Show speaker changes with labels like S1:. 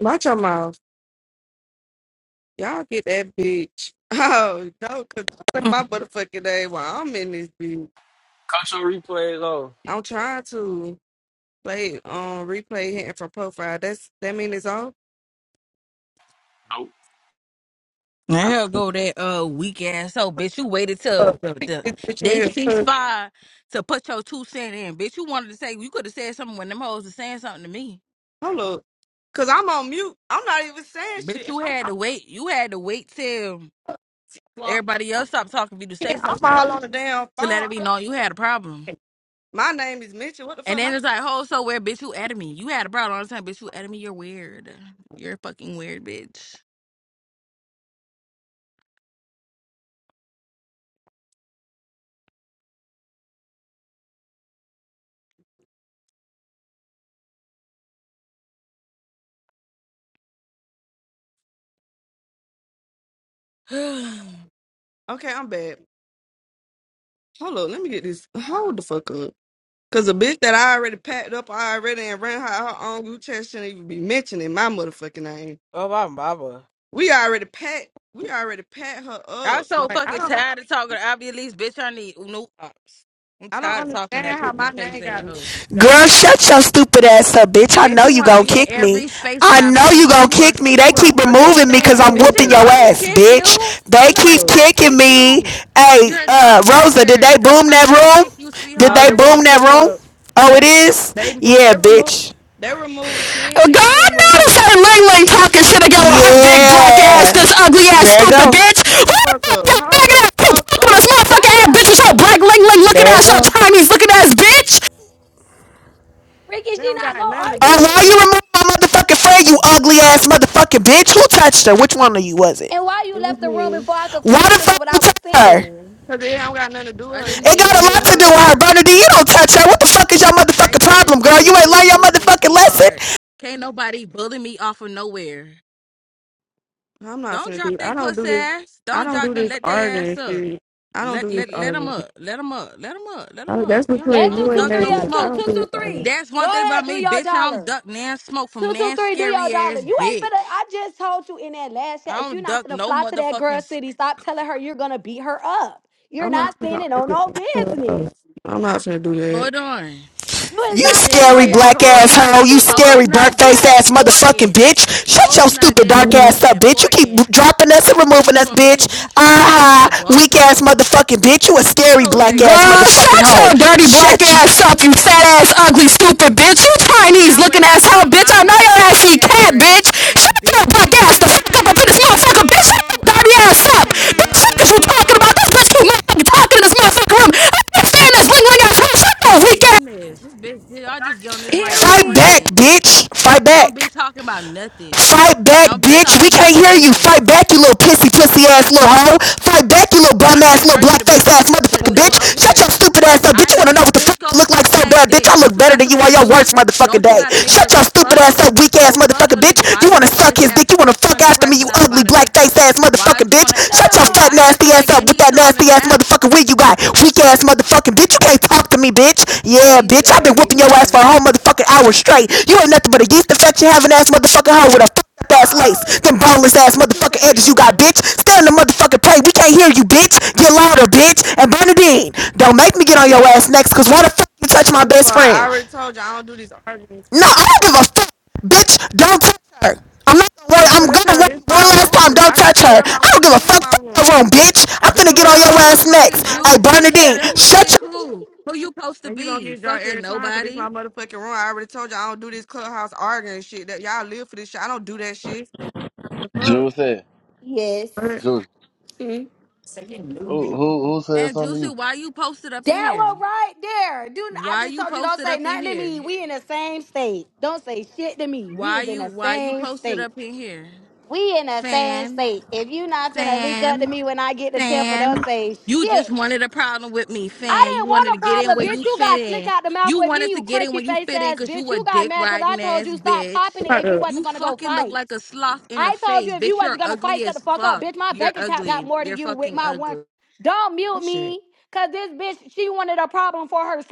S1: Watch your mouth. Y'all get that bitch. Oh, no, because
S2: Mm.
S1: my motherfucking name while I'm in this bitch.
S3: Cultural replays on.
S1: I'm trying to play um replay hitting for profile. That's that mean it's on?
S3: Nope.
S2: Now here go that uh weak ass hoe, bitch. You waited till
S1: Uh,
S2: the,
S1: pick
S2: the
S1: this bitch in
S2: they
S1: here
S2: cease
S1: first.
S2: fire to put your two cent in, bitch. You wanted to say you could have said something when them hoes was saying something to me,
S1: Hold up. Cause I'm on mute. I'm not even saying
S2: bitch.
S1: shit.
S2: You
S1: I'm
S2: had to wait. You had to wait till
S1: blocked.
S2: everybody else stopped talking for you to say
S1: Yeah, I'm
S2: something
S1: all on the damn
S2: to let it
S1: phone.
S2: be known you had a problem.
S1: My name is Mitchell. What the
S2: And
S1: fuck?
S2: then
S1: My
S2: it's like, oh, so weird, bitch. You added me. You had a problem all the time, bitch. You added me. You're weird. You're fucking weird, bitch.
S1: okay, I'm bad. Hold up, let me get this. Hold the fuck up. Cause a bitch that I already packed up already and ran her, her own group chat shouldn't even be mentioning my motherfucking name.
S2: Oh, my mama.
S1: We already packed. We already packed her
S2: I'm
S1: up.
S2: so
S1: Like I
S2: fucking
S1: don't.
S2: tired of talking to Ivy Elise, bitch. I need new ops. I'm
S1: I don't
S2: tired of talking
S1: understand
S2: that
S1: how my
S2: people face
S1: name
S2: at
S1: got mentioned
S2: her.
S1: though.
S4: Girl, shut your stupid ass up, bitch. I
S2: Bitch,
S4: know
S2: you
S4: you
S2: wanna
S4: gonna
S2: be in
S4: kick me.
S2: every space that
S4: I
S2: I'm
S4: know
S2: in.
S4: you gonna
S2: You a
S4: kick me. They
S2: you
S1: Can
S2: a
S1: I
S4: keep
S1: say
S2: fucking
S4: removing me cause
S2: fan.
S4: I'm
S2: Bitch,
S4: whooping
S2: ain't
S4: your
S1: something?
S2: nobody
S4: ass,
S2: kick
S4: bitch.
S2: you.
S4: They
S2: Ain't
S1: Hold
S4: keep
S2: nobody
S1: up.
S2: gotta
S4: kicking
S2: kick
S4: me.
S2: you.
S4: Hey,
S2: You're a
S4: uh, Rosa, did
S2: non-factor.
S4: they
S2: Don't
S4: boom that
S2: nobody gotta
S4: room?
S2: kick you,
S4: Did
S1: No,
S4: they
S1: the
S2: sweetheart.
S1: room
S4: boom that
S1: still
S4: room?
S1: up.
S4: Oh, it
S1: That
S4: is?
S1: they broke.
S4: Yeah,
S1: They removed.
S4: bitch.
S1: They removed Sting
S5: Uh,
S1: and they
S5: God
S1: removed
S5: knows her
S1: you.
S5: Ling Ling talking shit again with her big black ass,
S4: Yeah.
S5: this ugly ass
S4: There it
S5: stupid
S4: go.
S5: bitch.
S1: Hold
S5: Who
S1: the
S5: the
S1: fuck
S5: fuck you
S1: up. Hold
S5: faggot
S1: the
S5: ass pig
S1: fuck
S5: talking to this
S1: up.
S5: motherfucking
S6: Why you
S5: ass bitch
S6: left the
S5: with your
S6: room?
S5: black Ling Ling looking
S4: There it
S5: ass, your
S4: go.
S5: Chinese looking ass bitch?
S6: Ricky,
S1: They
S6: she
S1: don't
S6: not
S1: got
S6: gonna
S1: nothing to
S6: argue
S1: do
S4: Oh,
S1: with
S6: with
S4: why you
S1: you.
S4: remove my motherfucking friend, you
S6: you.
S4: ugly ass motherfucking bitch? Who touched her? Which one of you was it?
S6: And why you
S1: It was
S6: left the room
S1: me.
S6: before I could
S4: Why
S6: finish
S4: the
S6: saying
S4: fuck
S6: what
S4: you
S6: I was
S4: touched her?
S6: saying?
S1: Cause they don't got nothing to do with
S2: I
S1: her. It's
S2: didn't
S4: It got
S2: leave.
S4: a
S1: between
S2: They
S1: you
S4: lot
S1: and
S4: to do
S2: removed
S1: her.
S4: with her.
S2: me.
S4: Bernadine, you don't touch her. What the fuck is your
S2: I
S4: motherfucking problem,
S2: didn't
S4: girl? You
S2: leave.
S4: ain't
S2: They
S4: learn your
S2: removed me,
S4: motherfucking lesson.
S2: sweetheart. Can't nobody bully me off of nowhere.
S1: I'm not
S2: Don't
S1: finna
S2: drop
S1: do.
S2: they
S1: I don't
S2: puss
S1: do this.
S2: ass.
S1: I
S2: Don't
S1: don't
S2: drop
S1: do
S2: them.
S1: this
S2: Let they ass
S1: arguing
S2: up.
S1: shit. I don't do
S2: Let
S1: this
S2: let let them
S1: arguing.
S2: up. Let them up. Let them up. Let them
S1: I,
S2: up.
S1: that's
S2: You don't, I
S6: Let
S1: between
S6: two
S1: you
S2: don't
S1: and
S6: two
S2: duck
S6: three
S2: no
S6: up
S1: Nathan. I
S6: two
S2: smoke.
S1: don't
S6: two
S1: do
S6: two
S1: this arguing.
S6: three.
S2: That's
S6: Go
S2: one thing about
S6: ahead, do
S2: me,
S6: your
S2: bitch. I don't
S6: dollar.
S2: duck nan smoke from
S6: Two two
S2: nan
S6: three, do your
S2: scary
S6: dollar.
S2: ass
S6: You ain't finna.
S2: bitch.
S6: I just told you in that last chat.
S2: I
S6: If you're
S2: don't
S6: not
S2: duck
S6: gonna
S2: no
S6: fly to that
S2: motherfucking.
S6: girl
S2: s-
S6: city, stop telling her you're gonna beat her up. You're
S1: I'm not
S6: not
S1: finna
S6: standing on no
S1: argue.
S6: business.
S1: I'm not finna do
S2: Hold on.
S6: You is
S4: You
S2: The
S6: not
S2: thing
S6: standing
S4: scary
S6: on
S2: is,
S6: no
S4: black
S2: hoes
S4: ass
S2: not
S6: business.
S4: hoe. You
S6: Two two
S2: hoes
S6: three,
S4: scary
S6: come
S4: burnt
S2: not that
S6: get
S4: face ass
S6: her.
S4: motherfucking
S2: important.
S4: bitch. Shut your
S2: Hoes not
S4: stupid
S2: that
S4: dark
S1: that.
S4: ass
S2: fucking
S4: up, bitch. You keep
S2: important
S4: dropping us and removing us,
S2: for me
S4: bitch.
S2: to be traveling
S4: Ah,
S2: to
S4: uh-huh. weak ass
S2: Baltimore.
S4: motherfucking bitch. You a scary
S2: Hoes
S4: black
S2: ain't
S4: ass
S2: never
S5: Girl,
S2: been that
S4: motherfucking
S5: shut
S4: hoe.
S5: your
S2: important.
S5: dirty black
S4: Shut you.
S5: ass up, you fat ass ugly stupid bitch. You Chinese
S2: Now,
S5: looking
S2: when I
S5: ass
S2: drop
S5: hoe bitch.
S2: my
S5: I know your ass
S2: motherfucking
S5: eat cat bitch.
S2: address and a
S5: Shut your
S2: bitch
S5: black
S2: come over
S5: ass the
S2: here
S5: fuck up
S2: playing
S5: up in this
S2: crazy, I
S5: motherfucker bitch. Shut
S2: promise you,
S5: your
S2: I
S5: dirty ass
S2: boom
S5: up.
S2: one of you
S5: Bitch, fuck is
S2: hoes
S5: you
S2: on my
S5: talking about?
S2: mama.
S5: This bitch you motherfucking talking in this motherfucking room. I understand this Ling Ling ass hoe. Shut
S2: Oh
S5: your
S2: my
S5: weak ass
S2: goodness, this bitch! I just get on this mic
S4: Fight back,
S6: Period.
S2: screaming.
S4: bitch. Fight
S2: Don't be
S4: back.
S2: talking about nothing.
S4: Fight back,
S2: Don't be
S4: bitch.
S2: talking
S4: We
S2: about
S4: can't hear you. Fight
S2: nothing.
S4: back, you little pissy, pussy ass little hoe. Fight back, you little bum
S2: I
S4: ass,
S2: can't
S4: little
S2: argue with
S4: black
S2: a
S4: face
S2: bitch who
S4: ass
S2: picture
S4: motherfucker,
S2: never
S4: bitch.
S2: up
S4: Shut your
S2: here.
S4: stupid ass up,
S2: I
S4: bitch. You
S2: know
S4: wanna know
S2: you,
S4: what the fuck
S2: bitch.
S4: I
S2: Go
S4: look like
S2: suck
S4: so
S2: Mac
S4: bad, bitch?
S2: dick.
S4: I look
S2: Don't you
S4: better
S2: got
S4: than you
S2: something
S4: on
S2: to
S4: your
S2: do?
S4: worst motherfucking
S2: Don't you
S4: day.
S2: got a nigga
S4: Shut
S2: to
S4: your
S2: go
S4: stupid
S2: fuck?
S4: ass up, weak ass
S2: Go fuck
S4: motherfucker,
S2: your
S4: bitch.
S2: nigga. Why
S4: You
S2: is you
S4: wanna
S2: on
S4: suck
S2: this
S4: his
S2: app
S4: dick. You wanna
S2: still
S4: fuck
S2: screaming,
S4: after me, you
S2: crashing out
S4: ugly
S2: about a
S4: black face
S2: nigga?
S4: ass
S2: Why
S4: motherfucker motherfucking
S2: is you on that?
S4: bitch. Shut your
S2: And
S6: No.
S4: fat
S2: why is that
S4: nasty
S2: your
S4: ass
S2: nigga
S4: up
S2: and
S4: with
S2: he's
S4: that
S2: still on this
S4: nasty ass
S2: app?
S4: motherfucking wig you got. Weak ass motherfucking bitch. You can't talk to me, bitch.
S6: Have
S4: Yeah,
S6: you
S4: bitch.
S6: spell
S4: I've
S6: that
S4: been
S6: bitch
S4: whooping your ass for
S6: name?
S4: a whole motherfucking hour straight. You ain't nothing but a yeast infection having ass motherfucking hoe with a fucked ass lace.
S6: Oh!
S4: Them boneless ass
S2: What you
S4: motherfucking
S2: sent me,
S4: edges you got,
S2: Rosa?
S4: bitch. Stay in the motherfucking plate. We can't hear you, bitch. Get louder, bitch. And Bernadine, don't make me get on your ass next, cause why the fuck you touch my
S1: First of all,
S4: best
S1: I
S4: friend?
S1: already told you I don't do this arguing
S4: No, I
S1: shit.
S4: don't give a fuck. Bitch, don't touch her. I'm not gonna worry. I'm
S1: Tell
S4: gonna
S1: her
S4: worry
S1: this
S4: one
S1: my
S4: last time.
S1: room.
S4: Don't
S1: I can
S4: touch
S1: do
S4: her.
S1: whatever I
S4: I
S1: want
S4: don't
S1: to
S4: give a
S1: do in
S4: fuck.
S1: my
S4: Fuck your
S1: room.
S4: room, bitch. I'm
S1: I can
S4: finna
S1: do
S4: get on
S2: Bitches,
S1: whatever
S4: your
S1: I
S2: who the
S1: want to
S4: ass
S1: do
S2: fuck
S1: in
S2: is
S4: next.
S1: my
S4: Hey,
S2: you to be
S1: city.
S4: Bernadine,
S2: telling who to
S4: shut
S2: kick who? Who you supposed to
S1: And you gonna
S2: be?
S1: get drunk
S2: Fucking
S1: every time because it's
S2: nobody.
S1: my motherfucking room. I already told you I don't do this clubhouse arguing shit. That y'all live for this shit. I don't do that shit. The fuck?
S7: Juicy,
S6: yes.
S1: But-
S7: Juicy.
S6: Mm.
S1: Say you knew me.
S7: Who who who said
S2: And
S7: something to
S2: Juicy,
S7: you?
S2: why you posted up in
S6: That
S2: here?
S6: one right there. Do n- I
S2: Why
S6: just
S2: you
S6: told you don't
S2: posted
S6: say
S2: up in
S6: nothing to
S2: here?
S6: me. We in the same state. Don't say shit to me. We
S2: Why
S6: is in
S2: you
S6: the
S2: why you
S6: same
S2: posted
S6: state.
S2: up in here?
S6: We in the same
S2: Fan,
S6: state. If you not finna link up to
S2: fan,
S6: me when I get to Tampa, don't
S2: fan.
S6: say
S2: You just
S6: shit.
S2: wanted a problem with me,
S6: I
S2: fan. You
S6: didn't
S2: wanted
S6: want a
S2: to get in
S6: problem,
S2: where
S6: bitch.
S2: you
S6: You
S2: fit
S6: got slick
S2: in.
S6: out the mouth
S2: You
S6: with me,
S2: wanted to
S6: you
S2: get in where
S6: crunchy
S2: you
S6: face
S2: fit in
S6: ass
S2: because
S6: bitch.
S2: you a
S6: You got
S2: dick
S6: mad because I
S2: riding
S6: told
S2: ass
S6: you stop
S2: bitch.
S6: popping it
S1: Hold
S6: if you
S1: up.
S2: You
S6: wasn't gonna go
S2: fucking look
S6: fight.
S2: like a sloth in the
S6: I told you
S2: face.
S6: if you
S2: Bitch, you're
S6: wasn't gonna fight,
S2: ugly
S6: shut the
S2: as
S6: fuck up,
S2: fuck.
S6: bitch. My
S2: You're
S6: bank account got
S2: ugly.
S6: more than
S2: You're
S6: you with
S2: fucking
S6: my one.
S2: ugly.
S6: Don't mute
S1: This shit.
S6: me, cause this bitch she wanted a problem for herself.